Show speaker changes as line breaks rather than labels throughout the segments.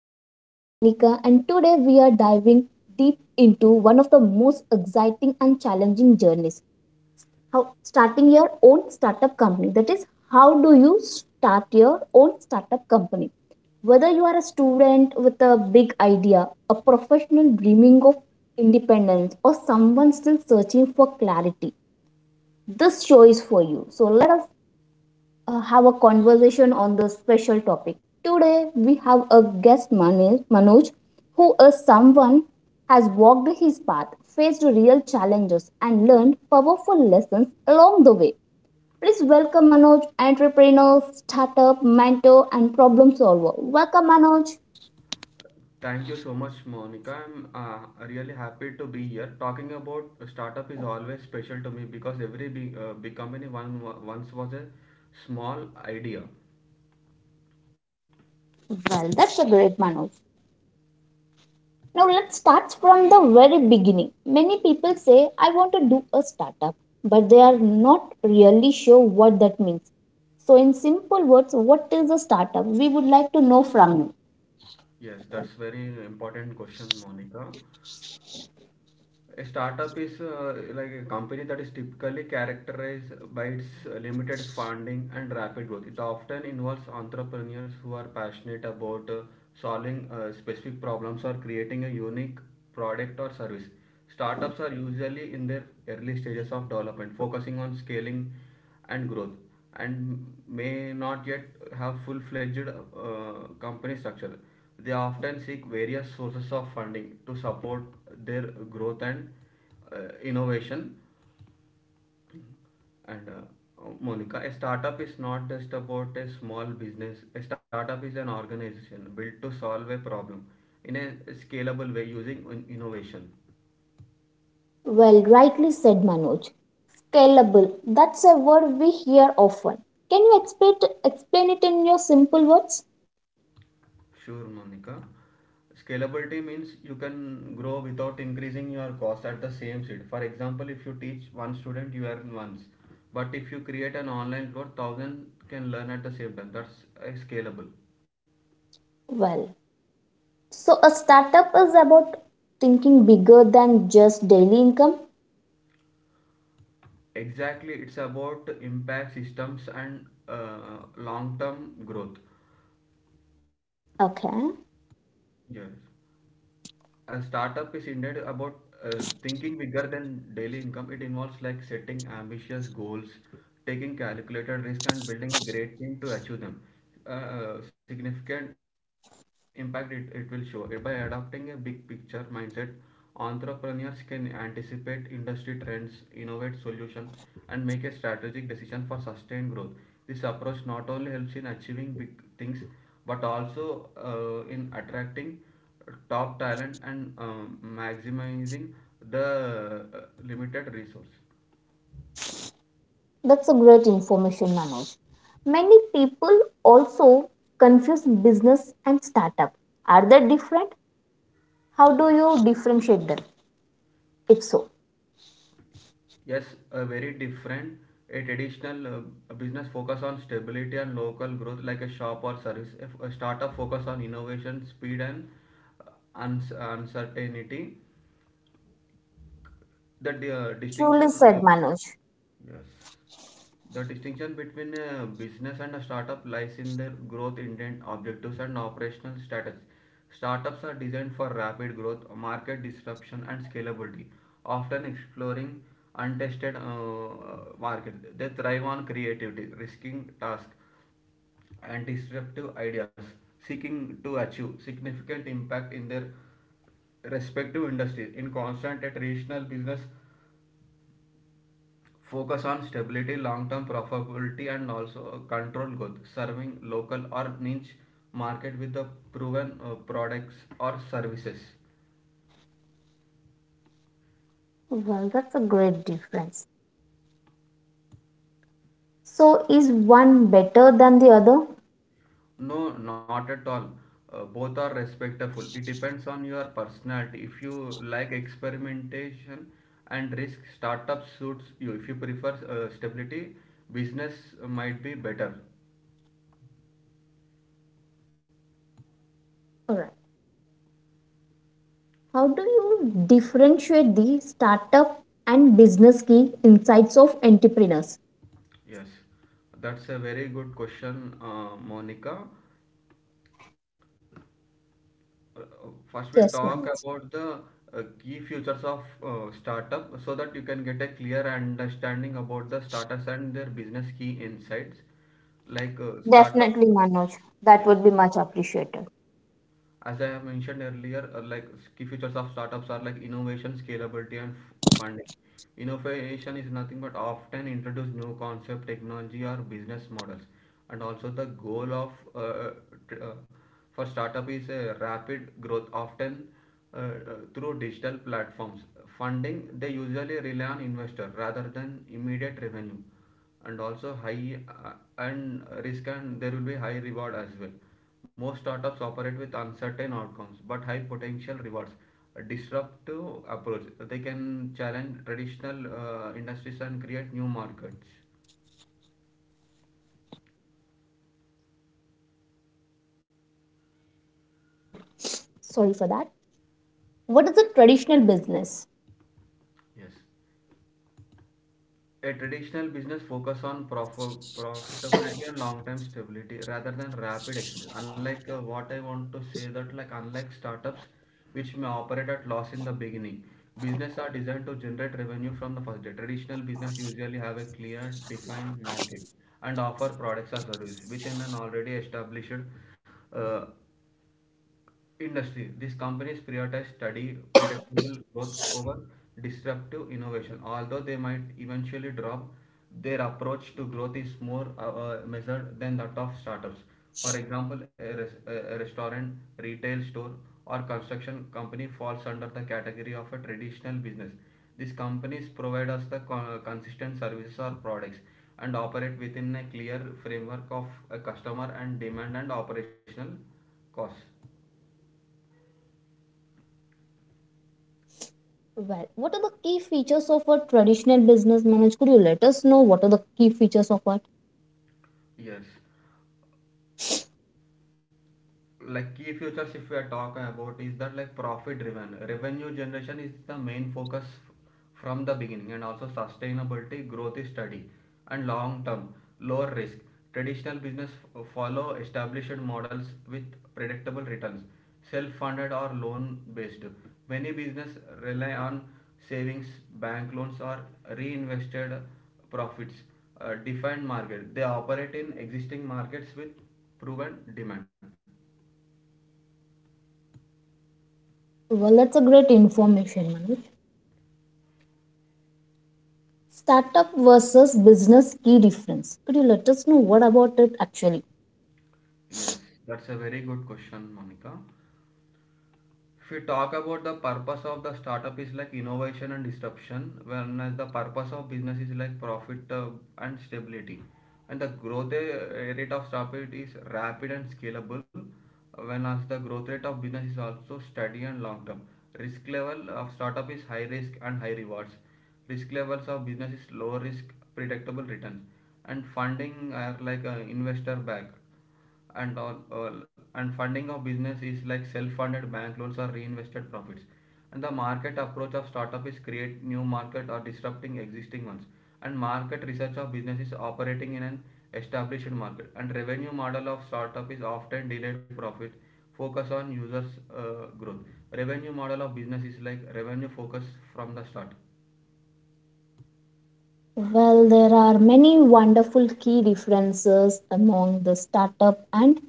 I'm your host Monica, and today we are diving deep into one of the most exciting and challenging journeys. How starting your own startup company. That is, how do you start your own startup company? Whether you are a student with a big idea, a professional dreaming of independence, or someone still searching for clarity, this show is for you. So let us have a conversation on the special topic. Today, we have a guest, Manoj, who is someone has walked his path, faced real challenges, and learned powerful lessons along the way. Please welcome Manoj, entrepreneur, startup, mentor, and problem solver. Welcome, Manoj.
Thank you so much, Monica. I'm really happy to be here. Talking about startup is always special to me because every big company once was a small idea.
Well, that's a great Manoj. Now let's start from the very beginning. Many people say, I want to do a startup, but they are not really sure what that means. So, in simple words, what is a startup? We would like to know from you.
Yes, that's very important question, Monica. A startup is like a company that is typically characterized by its limited funding and rapid growth. It often involves entrepreneurs who are passionate about solving specific problems or creating a unique product or service. Startups are usually in their early stages of development, focusing on scaling and growth, and may not yet have full-fledged company structure. They often seek various sources of funding to support their growth and innovation. And Monica, a startup is not just about a small business. A startup is an organization built to solve a problem in a scalable way using innovation.
Well, rightly said Manoj. Scalable, that's a word we hear often. Can you explain it in your simple words?
Sure, Monica. Scalability means you can grow without increasing your cost at the same seed. For example, if you teach one student, you earn once. But if you create an online course, thousand can learn at the same time. That's scalable.
Well, so a startup is about thinking bigger than just daily income.
Exactly, it's about impact systems and long-term growth.
Okay,
Yes. A startup is indeed about thinking bigger than daily income. It involves like setting ambitious goals, taking calculated risk, and building a great team to achieve them. Significant impact it will show. By adopting a big picture mindset, entrepreneurs can anticipate industry trends, innovate solutions, and make a strategic decision for sustained growth. This approach not only helps in achieving big things but also in attracting top talent and maximizing the limited resource.
that's a great information, Manoj. Many people also confuse business and startup. Are they different? How do you differentiate them? If so,
Yes, a very different. A traditional business focus on stability and local growth, like a shop or service. If a startup focus on innovation, speed, and uh, uncertainty. The di-
truly
distinction
said Manoj.
Yes. The distinction between a business and a startup lies in their growth intent, objectives, and operational strategy. Startups are designed for rapid growth, market disruption, and scalability, often exploring untested markets. They thrive on creativity, risking tasks, and disruptive ideas, seeking to achieve significant impact in their respective industries. In constant yet regional business, focus on stability, long term profitability, and also control growth, serving local or niche market with the proven products or services.
Well, that's a great difference. So, is one better than the other?
No, not at all. Both are respectful. It depends on your personality. If you like experimentation and risk, startup suits you. If you prefer stability, business might be better.
Alright. How do you differentiate the startup and business key insights of entrepreneurs?
Yes, that's a very good question, Monica. Uh, First, we
Yes,
talk
Manoj.
about the key features of startup so that you can get a clear understanding about the startups and their business key insights. Like startup,
Definitely, Manoj. That
yes.
would be much appreciated.
As I have mentioned earlier, like key features of startups are like innovation, scalability, and funding. Innovation is nothing but often introduce new concept, technology, or business models. And also the goal of tr- uh, for startup is a rapid growth, often uh, uh, through digital platforms. Funding, they usually rely on investor rather than immediate revenue, and also high and risk, and there will be high reward as well. Most startups operate with uncertain outcomes but high potential rewards. A disruptive approach. They can challenge traditional industries and create new markets.
Sorry for that. What is a traditional business?
Yes. A traditional business focus on profitability and long-term stability rather than rapid expansion. Unlike what I want to say that like unlike startups which may operate at loss in the beginning, business are designed to generate revenue from the first day. Traditional business usually have a clear defined market and offer products or services within an already established uh, industry. These companies prioritize steady, predictable growth over disruptive innovation. Although they might eventually drop, their approach to growth is more measured than that of startups. For example, a restaurant, retail store, or construction company falls under the category of a traditional business. These companies provide us the consistent services or products and operate within a clear framework of a customer and demand and operational costs.
Well, what are the key features of a traditional business, Manoj? Could you let us know what are the key features of what?
Yes. Like key futures if we are talking about is that like profit driven revenue generation is the main focus from the beginning, and also sustainability growth is steady and long term. Lower risk, traditional business follow established models with predictable returns. Self funded or loan based, many business rely on savings, bank loans, or reinvested profits. Defined market, they operate in existing markets with proven demand.
Well, that's a great information, Manoj. Startup versus business key difference. Could you let us know what about it actually?
Yes, that's a very good question, Monica. If we talk about the purpose of the startup is like innovation and disruption, whereas the purpose of business is like profit and stability. And the growth rate of startup is rapid and scalable, whereas the growth rate of business is also steady and long term. Risk level of startup is high risk and high rewards. Risk levels of business is low risk, predictable returns. And funding are like investor backed and all, and funding of business is like self-funded, bank loans, or reinvested profits. And the market approach of startup is create new market or disrupting existing ones, and market research of business is operating in an established market. And revenue model of startup is often delayed profit, focus on users growth. Revenue model of business is like revenue focus from the start.
Well, there are many wonderful key differences among the startup and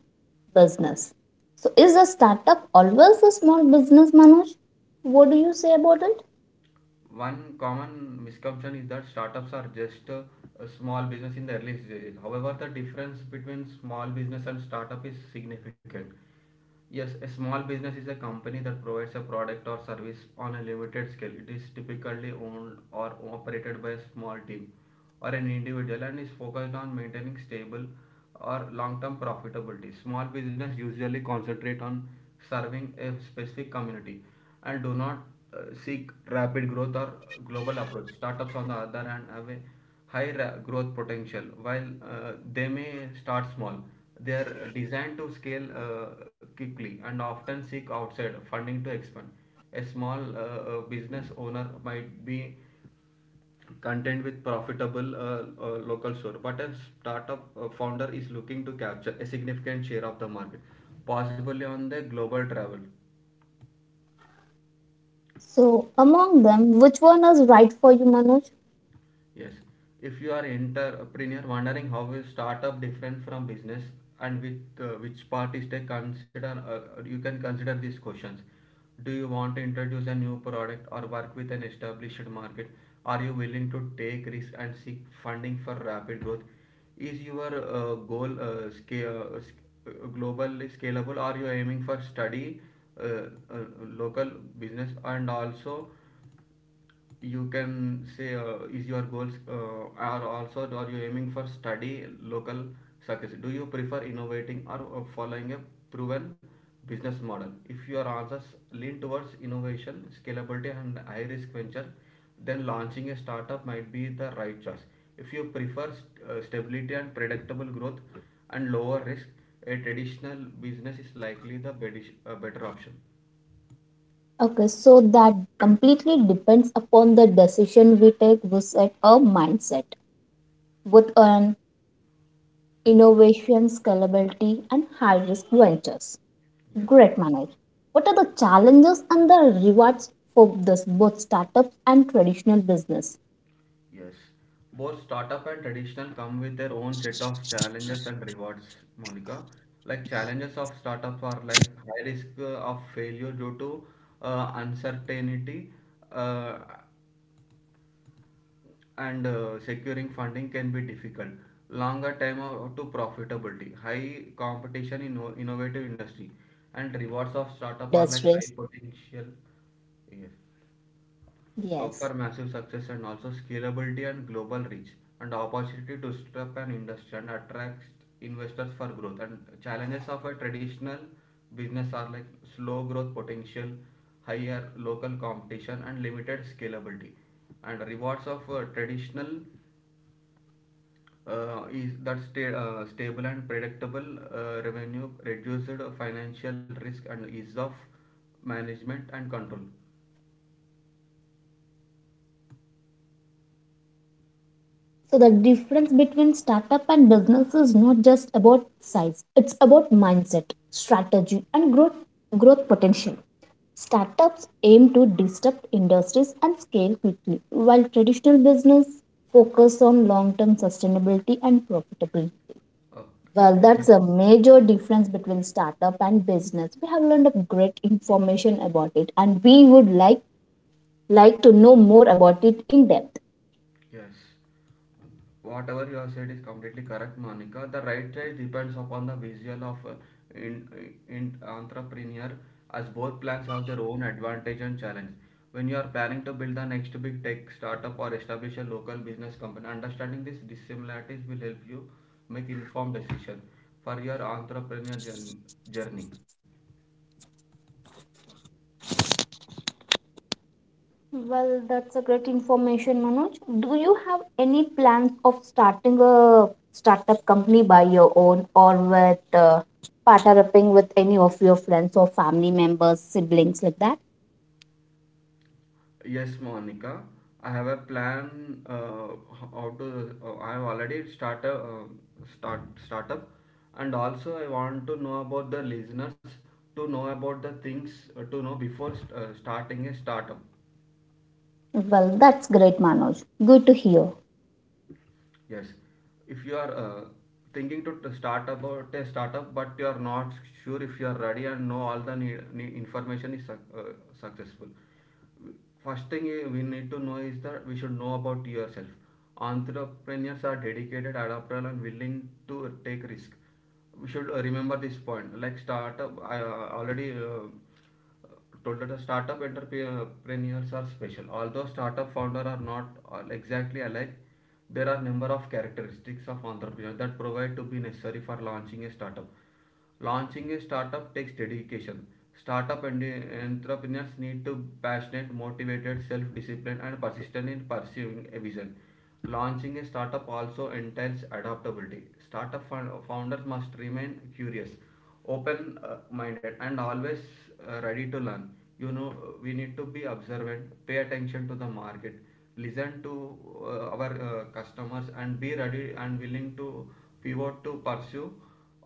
business. So, is a startup always a small business, Manoj? What do you say about it?
One common misconception is that startups are just a small business in the early stages. However, the difference between small business and startup is significant. Yes, a small business is a company that provides a product or service on a limited scale. It is typically owned or operated by a small team or an individual and is focused on maintaining stable or long-term profitability. Small business usually concentrate on serving a specific community and do not uh, seek rapid growth or global approach. Startups, on the other hand, have a high growth potential. While they may start small, they are designed to scale quickly and often seek outside funding to expand. A small business owner might be content with profitable local store, but a startup founder is looking to capture a significant share of the market, possibly on the global travel.
So, among them, which one is right for you, Manoj?
Yes, if you are entrepreneur wondering how is startup different from business and with which part is take consider, you can consider these questions. Do you want to introduce a new product or work with an established market? Are you willing to take risk and seek funding for rapid growth? Is your goal globally scalable? Are you aiming for study, uh, uh, local business? And also you can say, is your goals are you aiming for study local success? Do you prefer innovating or following a proven business model? If your answers lean towards innovation, scalability, and high risk venture, then launching a startup might be the right choice. If you prefer stability and predictable growth and lower risk, a traditional business is likely the better option.
Okay, so that completely depends upon the decision we take with a mindset, with an innovation, scalability, and high risk ventures.
Yes.
Great, Manoj. What are the challenges and the rewards for this, both startups and traditional business?
Yes. Both startup and traditional come with their own set of challenges and rewards, Monica. Like challenges of startups are like high risk of failure due to uncertainty uh, and securing funding can be difficult. Longer time to profitability, high competition in
High
innovative
com-
industry.
competition
And
in
rewards of
innovative
startup are like high
industries.
potential. Yes,
Yes.
for massive success, and also scalability and global reach, and opportunity to set up an industry, and attracts investors for growth. And challenges of a traditional business are like slow growth potential, higher local competition, and limited scalability. And rewards of traditional stable and predictable revenue, reduced financial risk, and ease of management and control.
So the difference between startup and business is not just about size. It's about mindset, strategy, and growth potential. Startups aim to disrupt industries and scale quickly, while traditional business focus on long-term sustainability and profitability.
Uh,
Well, that's
that's
a major difference between startup and business. We have learned a great information about it, and we would like to know more about it in depth.
Yes. Whatever you have said is completely correct, Monica. The right choice depends upon the visual of in, in entrepreneur, as both plans have their own advantage and challenge. When you are planning to build the next big tech startup or establish a local business company, understanding these dissimilarities will help you make informed decision for your entrepreneurial journey.
Well, that's a great information, Manoj. Do you have any plans of starting a startup company by your own or with partner with any of your friends or family members, siblings like that?
Yes, Monica. I have a plan. How to? I have already start a startup, and also I want to know about the listeners to know about the things to know before starting a startup.
Well, that's great, Manoj. Good to hear.
Yes, if you are thinking to start about a startup, but you are not sure if you are ready and know all the need information is successful. First thing we need to know is that we should know about yourself. Entrepreneurs are dedicated, adaptable, and willing to take risk. We should remember this point. Like startup, I already told that the startup entrepreneurs are special. Although startup founders are not all exactly alike, there are number of characteristics of entrepreneurs that provide to be necessary for launching a startup. Launching a startup takes dedication. Startup and entrepreneurs need to be passionate, motivated, self-disciplined, and persistent in pursuing a vision. Launching a startup also entails adaptability. Startup founders must remain curious, open minded and always ready to learn you know uh, we need to be observant, pay attention to the market, listen to our customers and be ready and willing to pivot to pursue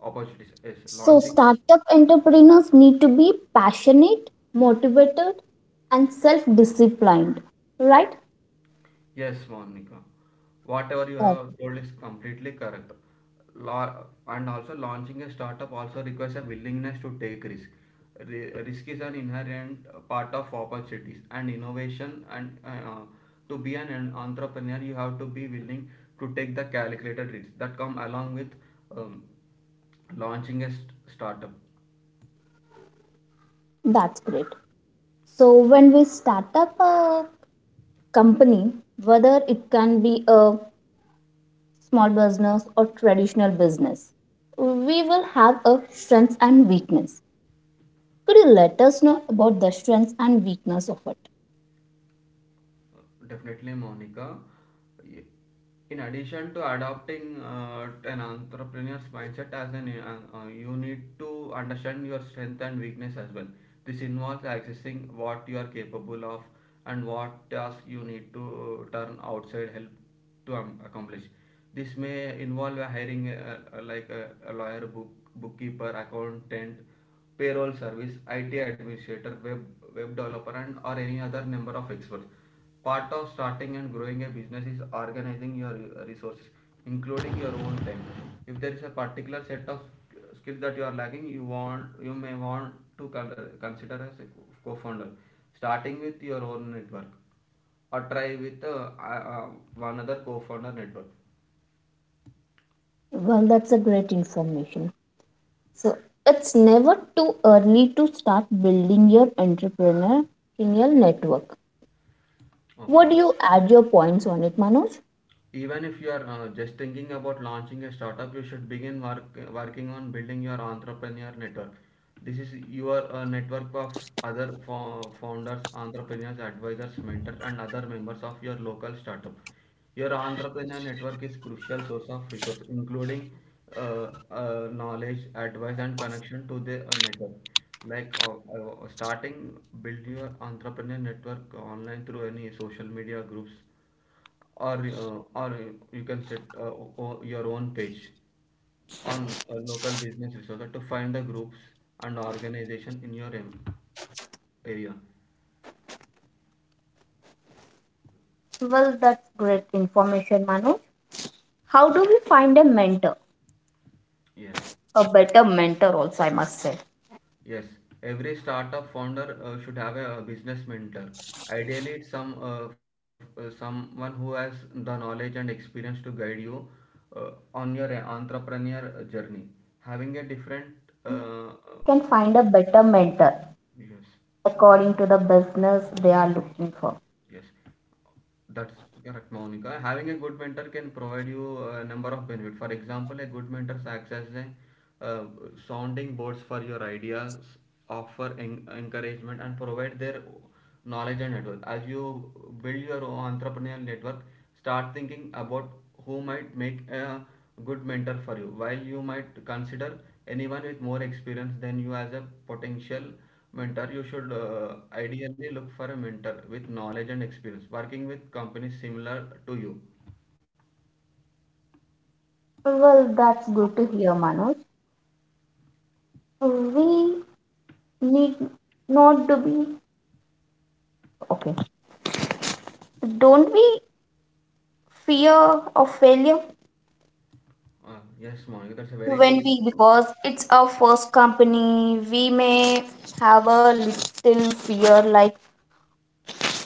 opportunities, yes,
So,
launching.
startup entrepreneurs need to be passionate, motivated, and self disciplined, right?
Yes, Monica. Whatever you
Uh,
have told is completely correct. La- and also launching a startup also requires a willingness to take risk. Risk is an inherent part of opportunities and innovation. And to be an entrepreneur, you have to be willing to take the calculated risks that come along with um, launching a startup.
that's great. So, when we start up a company, whether it can be a small business or traditional business. We will have a strengths and weakness. Could you let us know about the strengths and weakness of it?
Definitely, Monica. In addition to adopting an entrepreneur's mindset as an you need to understand your strength and weakness as well. This involves accessing what you are capable of and what task you need to turn outside help to accomplish. This may involve hiring like a lawyer, book, bookkeeper, accountant, payroll service, IT administrator, web, web developer, and or any other number of experts. Part of starting and growing a business is organizing your resources, including your own time. If there is a particular set of skills that you are lacking, you may want to consider as a founder. Starting with your own network or try with one other co-founder network.
Well, that's a great information. So it's never too early to start building your entrepreneurial network.
Okay.
Would you add your points on it, Manoj?
Even if you are just thinking about launching a startup, you should working on building your entrepreneur network. This is your network of other founders, entrepreneurs, advisors, mentors, and other members of your local startup. Your entrepreneur network is crucial source of resource, including knowledge, advice, and connection to the network. Like starting, build your entrepreneur network online through any social media groups or you can set your own page on a local business resource to find the groups and organization in your area.
Well, that's great information, Manoj. How do we find a mentor?
Yes.
A better mentor, also, I must say.
Yes, every startup founder should have a, business mentor. Ideally it's some someone who has the knowledge and experience to guide you on your
Yes, ideally,
entrepreneur journey.
someone who has the
Having a
knowledge
different
only can find a better mentor
yes.
according to the business they are looking for.
Yes, that's correct, Monica. Having a good mentor can provide you a number of benefits. For example, a good mentor acts as a uh, sounding boards for your ideas, offer encouragement, and provide their knowledge and network. As you build your own entrepreneurial network, start thinking about who might make a good mentor for you. While you might consider anyone with more experience than you as a potential mentor, you should ideally look for a mentor with knowledge and experience, working with companies similar to you.
Well, that's good to hear, Manoj. We need not to be okay. Don't we fear of failure
Yes, Monica, that's a very
when
good.
we because it's our first company? We may have a little fear, like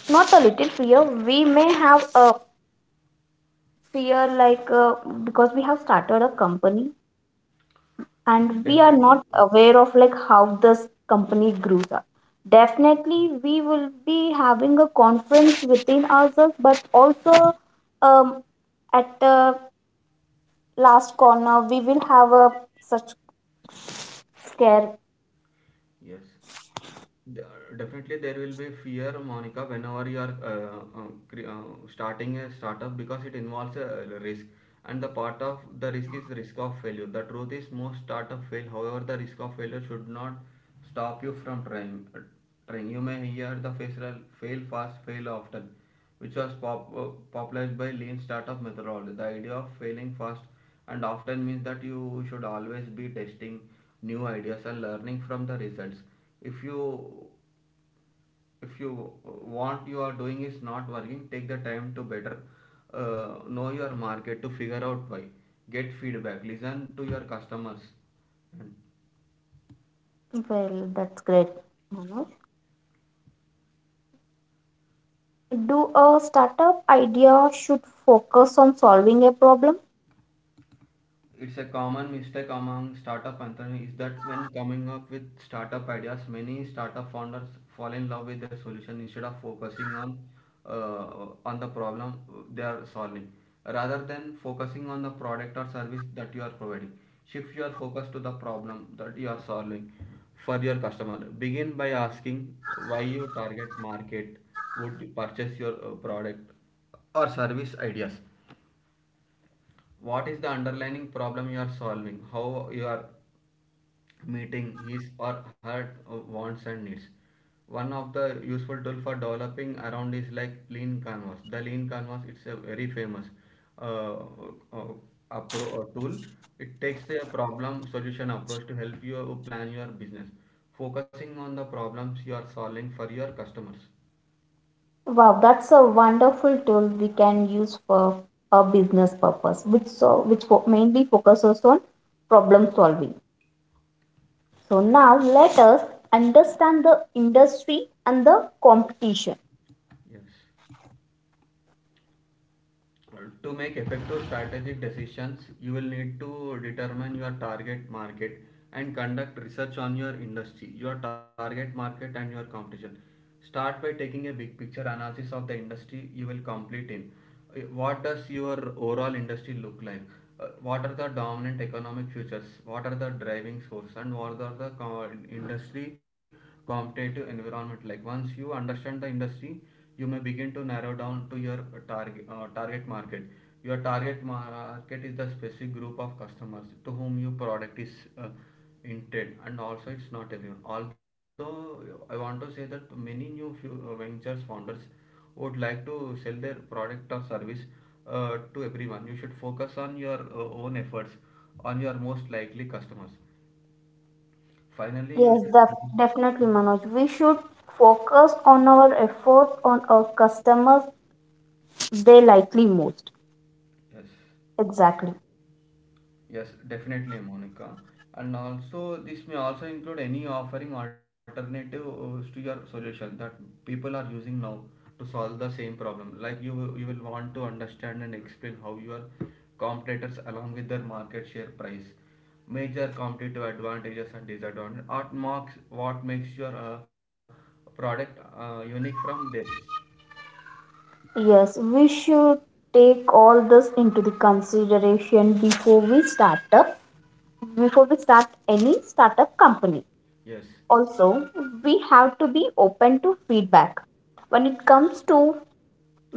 not a little fear. We may have a fear like because we have started a company and we are not
Definitely.
aware of like how this company grows up. Definitely we will be having a conference within ourselves, but also um, at the last corner we will have a such scare.
Yes, D- definitely there will be fear, Monica, whenever you are starting a startup because it involves a risk, and the part of the risk is risk of failure. The truth is most startup fail. However, the risk of failure should not stop you from trying. Trying. You may hear the phrase "Well, fail fast, fail often," which was popularized by lean startup methodology. The idea of failing fast and often means that you should always be testing new ideas and learning from the results. If you if you uh, want, you are doing is not working, take the time to better know your market to figure out why. Get feedback, listen to your customers, and
Well, that's great, Manoj. Do a startup idea should focus on solving a problem.
it's a common mistake among startup entrepreneurs is that when coming up with startup ideas, many startup founders fall in love with their solution instead of focusing on the problem they are solving. Rather than focusing on the product or service that you are providing, shift your focus to the problem that you are solving for your customer. Begin by asking why your target market would purchase your product or service ideas, what is the underlying problem you are solving, how you are meeting his or her wants and needs. One of the useful tool for developing around is like lean canvas. The lean canvas, it's a very famous uh, uh, tool. It takes a problem solution approach to help you plan your business, focusing on the problems you are solving for your customers.
Wow, that's a wonderful tool we can use for a business purpose, which so which mainly focuses on problem solving. So now let us understand the industry and the competition.
Yes, to make effective strategic decisions you will need to determine your target market and conduct research on your industry, your target market and your competition. Start by taking a big picture analysis of the industry you will complete in. What does your overall industry look like? What are the dominant economic futures, what are the driving forces? And what are the industry competitive environment like? Once you understand the industry, you may begin to narrow down to your target market. Your target market is the specific group of customers to whom your product is uh, intended, and also it's not everyone. Although I want to say that many new few, ventures founders would like to sell their product or service to everyone, you should focus on your own efforts on your most likely customers. Finally, you
Yes,
should
definitely, Manoj. We should focus on our efforts on our customers they likely most.
yes.
Exactly.
Yes, definitely, Monica. And also, this may also include any offering alternatives to your solution that people are using now to solve the same problem. Like you will want to understand and explain how your competitors, along with their market share price, major competitive advantages and disadvantages, what makes your product unique from theirs.
Yes, we should take all this into the consideration before we start up before we start any startup company.
Yes,
Also, we have to be open to feedback. When it comes to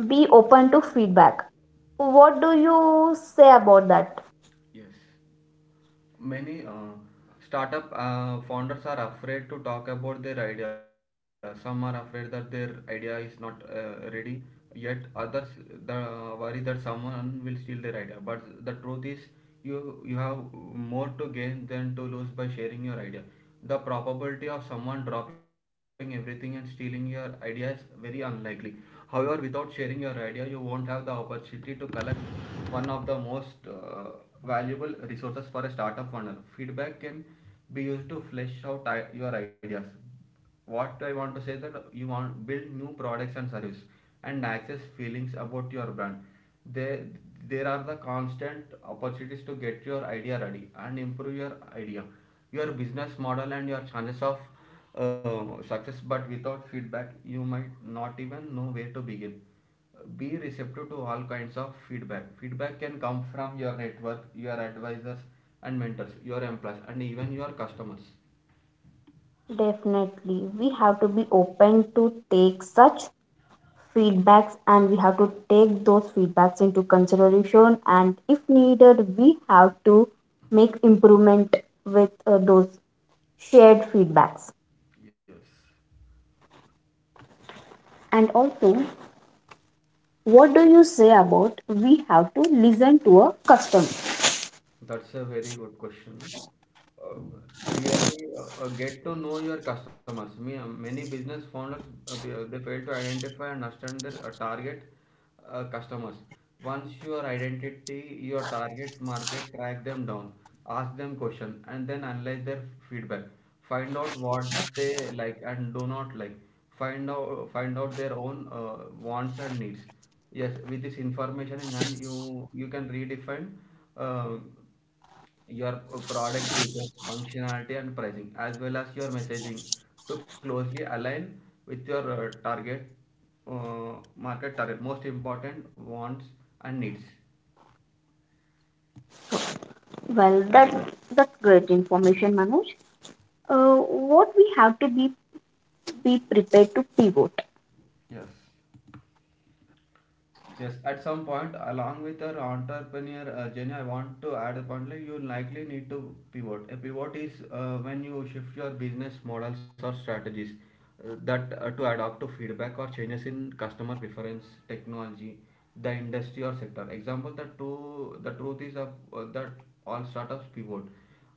be open to feedback, what do you say about that?
yes. Many startup founders are afraid to talk about their idea. Some are afraid that their idea is not ready yet. Others, the worry that someone will steal their idea. But the truth is you have more to gain than to lose by sharing your idea. The probability of someone dropping everything and stealing your idea is very unlikely. However, without sharing your idea, you won't have the opportunity to collect one of the most valuable resources for a startup founder. Feedback can be used to flesh out your ideas, what I want to say that you want build new products and service and access feelings about your brand. There there are the constant opportunities to get your idea ready and improve your idea, your business model and your chances of success. But without feedback you might not even know where to begin. Be receptive to all kinds of feedback. Feedback can come from your network, your advisors and mentors, your employees and even your customers.
Definitely, we have to be open to take such feedbacks and we have to take those feedbacks into consideration. And if needed, we have to make improvement with those shared feedbacks.
Yes.
And also, what do you say about we have to listen to a customer?
That's a very good question. Uh, really, get to know your customers. Many business founders they fail to identify and understand their target customers. Once your identity, your target market, track them down, ask them question, and then analyze their feedback. Find out what they like and do not like. Find out their own wants and needs. Yes, with this information in hand you can redefine um, your product features, functionality and pricing, as well as your messaging to closely align with your target uh, market target most important wants and needs.
Well, that's great information, Manoj. What we have to be prepared to pivot.
Yes. Yes, at some point, along with your entrepreneur journey, I want to add a point like you likely need to pivot. A pivot is when you shift your business models or strategies that to adapt to feedback or changes in customer preference, technology, the industry or sector. Example: the truth is that all startups pivot.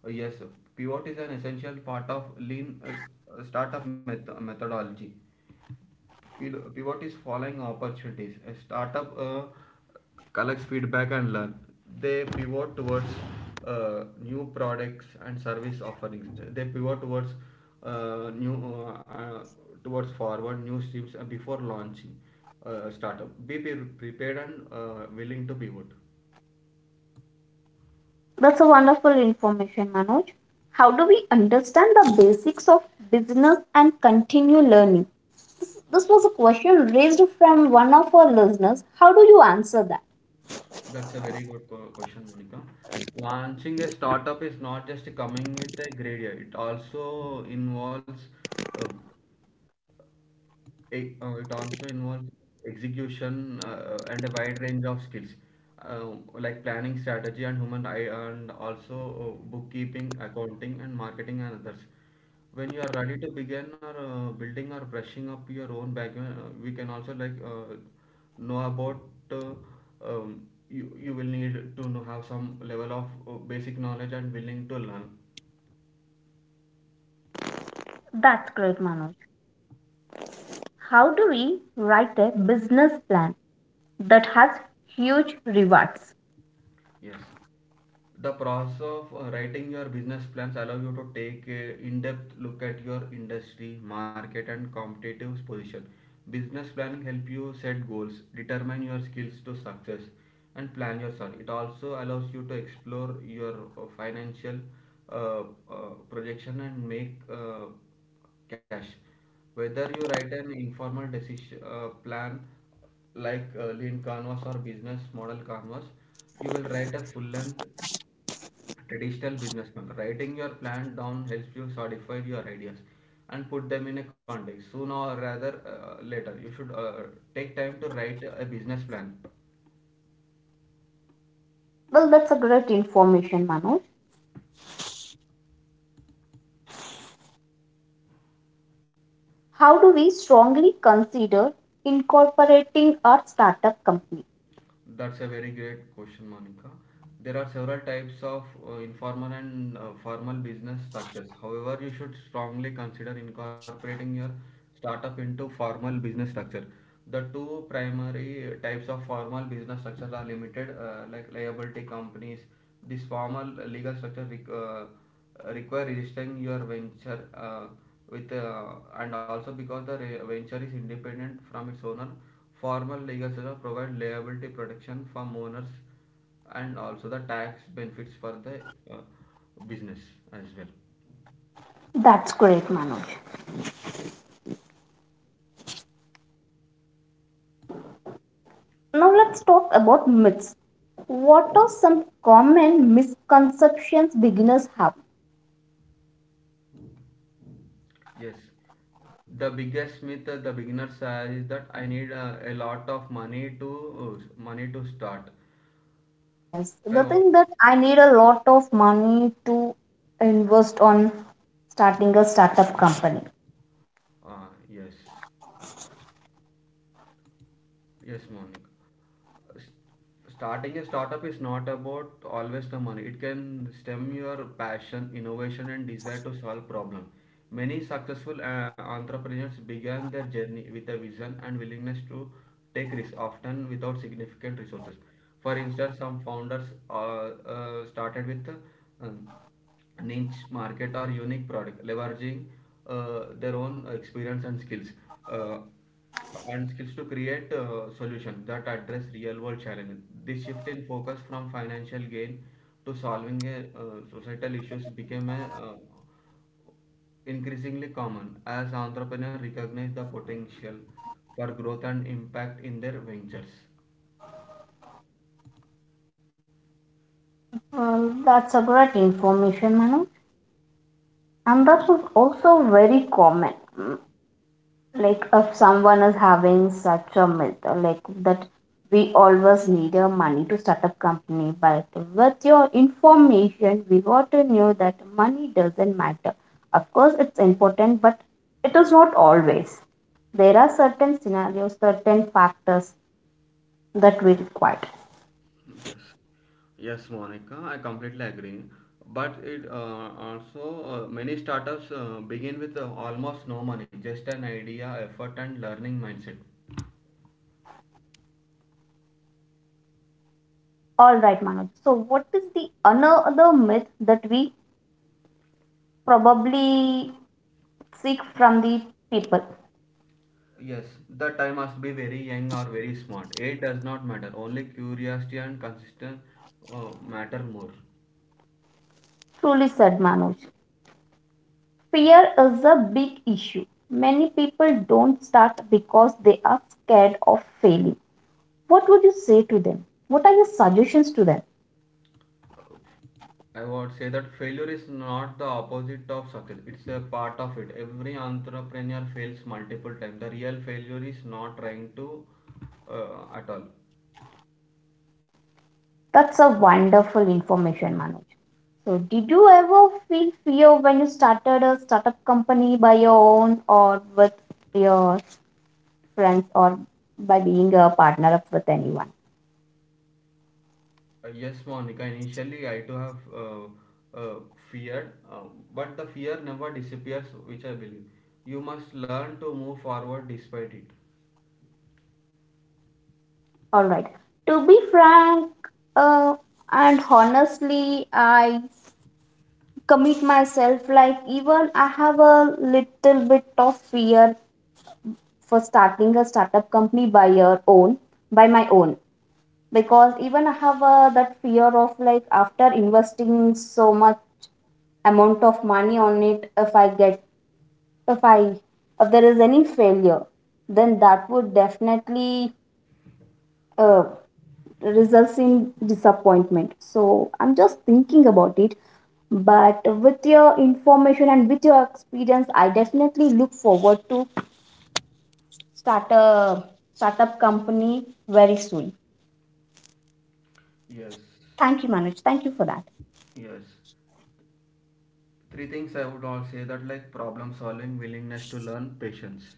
Yes, pivot is an essential part of lean startup methodology. Pivot is following opportunities. A startup collects feedback and learn. They pivot towards new products and service offerings. They pivot towards new towards forward new streams before launching startup. Be prepared and willing to pivot.
That's a wonderful information, Manoj. How do we understand the basics of business and continue learning? This was a question raised from one of our listeners. How do you answer that?
That's a very good question, Monica. Launching a startup is not just coming with a great idea. It also involves uh, it also involves execution and a wide range of skills like planning, strategy, and human eye, and also bookkeeping, accounting, and marketing, and others. When you are ready to begin or building or brushing up your own background, we can also like know about uh, you. You will need to know have some level of basic knowledge and willing to learn.
That's great, Manoj. How do we write a business plan that has huge rewards?
Yes. The process of writing your business plans allow you to take a in-depth look at your industry, market and competitive position. Business planning help you set goals, determine your skills to success and plan your start. It also allows you to explore your financial uh, uh, projection and make cash. Whether you write an informal decision plan like lean canvas or business model canvas, you will write a full length traditional businessman. Writing your plan down helps you solidify your ideas and put them in a context sooner or rather later. You should take time to write a business plan.
Well, that's a great information, Manoj. How do we strongly consider incorporating our startup company?
That's a very great question, Monica. There are several types of informal and formal business structures. However, you should strongly consider incorporating your startup into formal business structure. The two primary types of formal business structures are limited, like liability companies. This formal legal structure require registering your venture with and also because the venture is independent from its owner, formal legal setup provide liability protection from owners and also the tax benefits for the uh, business as well.
That's great, Manoj. Now let's talk about myths. What are some common misconceptions beginners have?
Yes, the biggest myth that the beginners have is that I need a lot of money to money to start.
Yes,
I
the
want-
thing that I need a lot of money to invest on starting a startup company.
yes, yes Monica, starting a startup is not about always the money. It can stem your passion, innovation and desire to solve problem. Many successful entrepreneurs began their journey with a vision and willingness to take risks often without significant resources. For instance, some founders started with um, niche market or unique product, leveraging their own experience and skills uh, and skills to create solutions that address real world challenges. This shift in focus from financial gain to solving a, societal issues became a, increasingly common as entrepreneurs recognize the potential for growth and impact in their ventures.
Well, that's a great information, Manu. And
Yeah,
that was also very common. Like if someone is having such a myth like that we always need a money to start a company, but with your information we got to know that money doesn't matter. Of course it's important, but it is not always. There are certain scenarios, certain factors that we require.
yes yes, Monica, I completely agree. But it also many startups begin with almost no money, just an idea, effort, and learning mindset.
All right manoj, so what is the another myth that we probably seek from the people?
Yes, the time must be very young or very smart. It does not matter. Only curiosity and consistent matter more.
Truly said, Manoj. Fear is a big issue. Many people don't start because they are scared of failing. What would you say to them? What are your suggestions to them?
I would say that failure is not the opposite of success. It's a part of it. Every entrepreneur fails multiple times. The real failure is not trying to at all.
That's a wonderful information, Manoj. So, did you ever feel fear when you started a startup company by your own or with your friends or by being a partner up with anyone?
Yes, Monica. Initially, I too have uh, feared, but the fear never disappears, which I believe. You must learn to move forward despite it.
All right. To be frank uh, and honestly, I commit myself like even I have a little bit of fear for starting a startup company by your own, by my own. Because even I have that fear of like after investing so much amount of money on it, if I get if I if there is any failure, then that would definitely uh, results in disappointment. So I'm just thinking about it. But with your information and with your experience, I definitely look forward to start a startup company very soon.
Yes,
Thank you, Manoj. Thank you for that.
yes. Three things I would all say that like problem solving, willingness to learn, patience.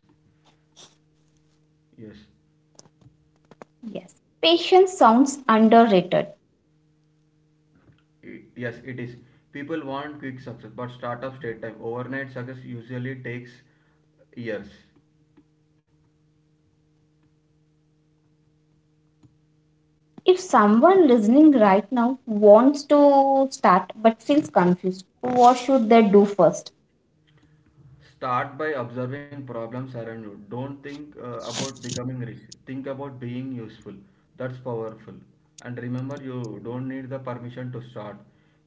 Yes,
Yes. Patience sounds underrated.
yes, it is. People want quick success, but startups take time. Overnight success usually takes years.
If someone listening right now wants to start but feels confused, what should they do first?
Start by observing problems around you. Don't think about becoming rich. Think about being useful. That's powerful. And remember, you don't need the permission to start.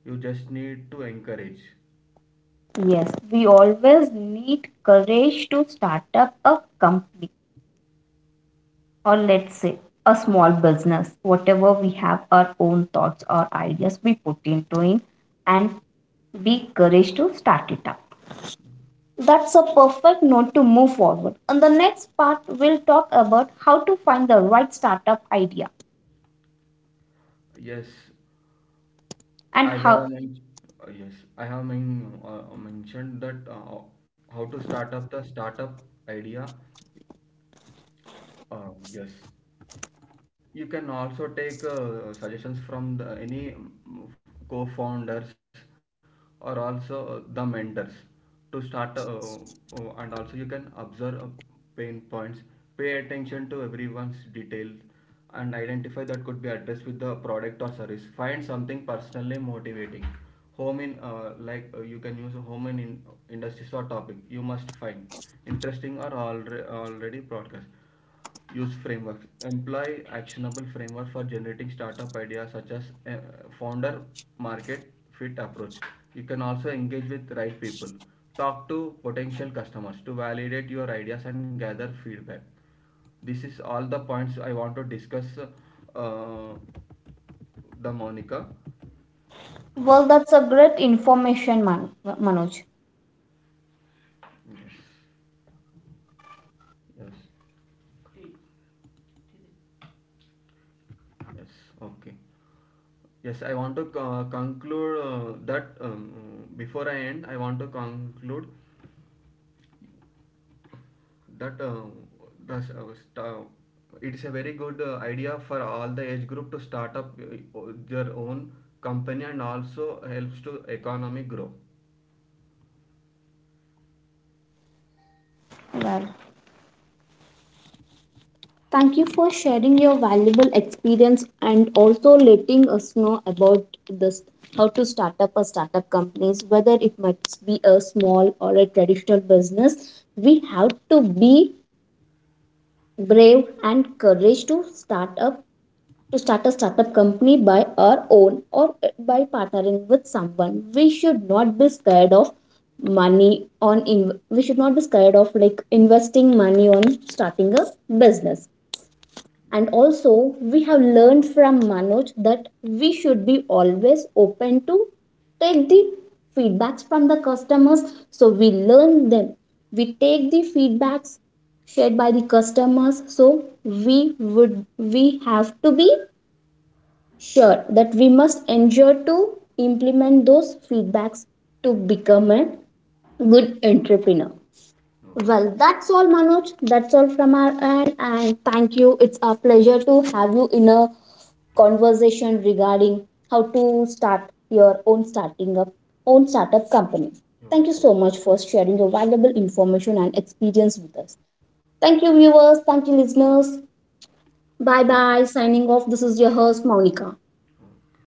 You just need to encourage.
Yes, we always need courage to start up a company, or let's say a small business, whatever we have our own thoughts or ideas we put into it and be courage to start it up. That's a perfect note to move forward. In the next part, we'll talk about how to find the right startup idea
Yes,
and
as I
how.
have men- yes, mentioned that how to start up the startup idea. Yes, you can also take suggestions from the, any mm, co-founders or also the mentors to start and also you can observe pain points, pay attention to everyone's details and identify that could be addressed with the product or service. Find something personally motivating, home in like you can use a in industries or topic you must find interesting or already broadcast. Use frameworks. Employ actionable frameworks for generating startup ideas such as founder market fit approach. You can also engage with right people. Talk to potential customers to validate your ideas and gather feedback. This is all the points I want to discuss the Monica.
Well, that's a great information, Manoj.
Yes, yes, yes. Okay. Yes, I want to conclude that before I end, I want to conclude that that's, uh, sta- it's a very good idea for all the age group to start up their own company and also helps to economy grow.
Well, thank you for sharing your valuable experience and also letting us know about this how to start up a startup companies, whether it must be a small or a traditional business. We have to be brave and courage to start up, to start a startup company by our own or by partnering with someone. We should not be scared of money on in we should not be scared of like investing money on starting a business. And
Yes.
also, we have learned from Manoj that we should be always open to take the feedbacks from the customers. So we learn them. We take the feedbacks shared by the customers. So we would we have to be sure that we must ensure to implement those feedbacks to become a good entrepreneur.
Oh,
Well, that's all, Manoj. That's all from our end. And thank you. It's a pleasure to have you in a conversation regarding how to start your own starting up own startup company. Thank you so
okay.
much for sharing your valuable information and experience with us. Thank you,
Oh,
viewers. Thank you, listeners. Bye
okay.
bye. Signing off. This is your host, Monica.
Oh.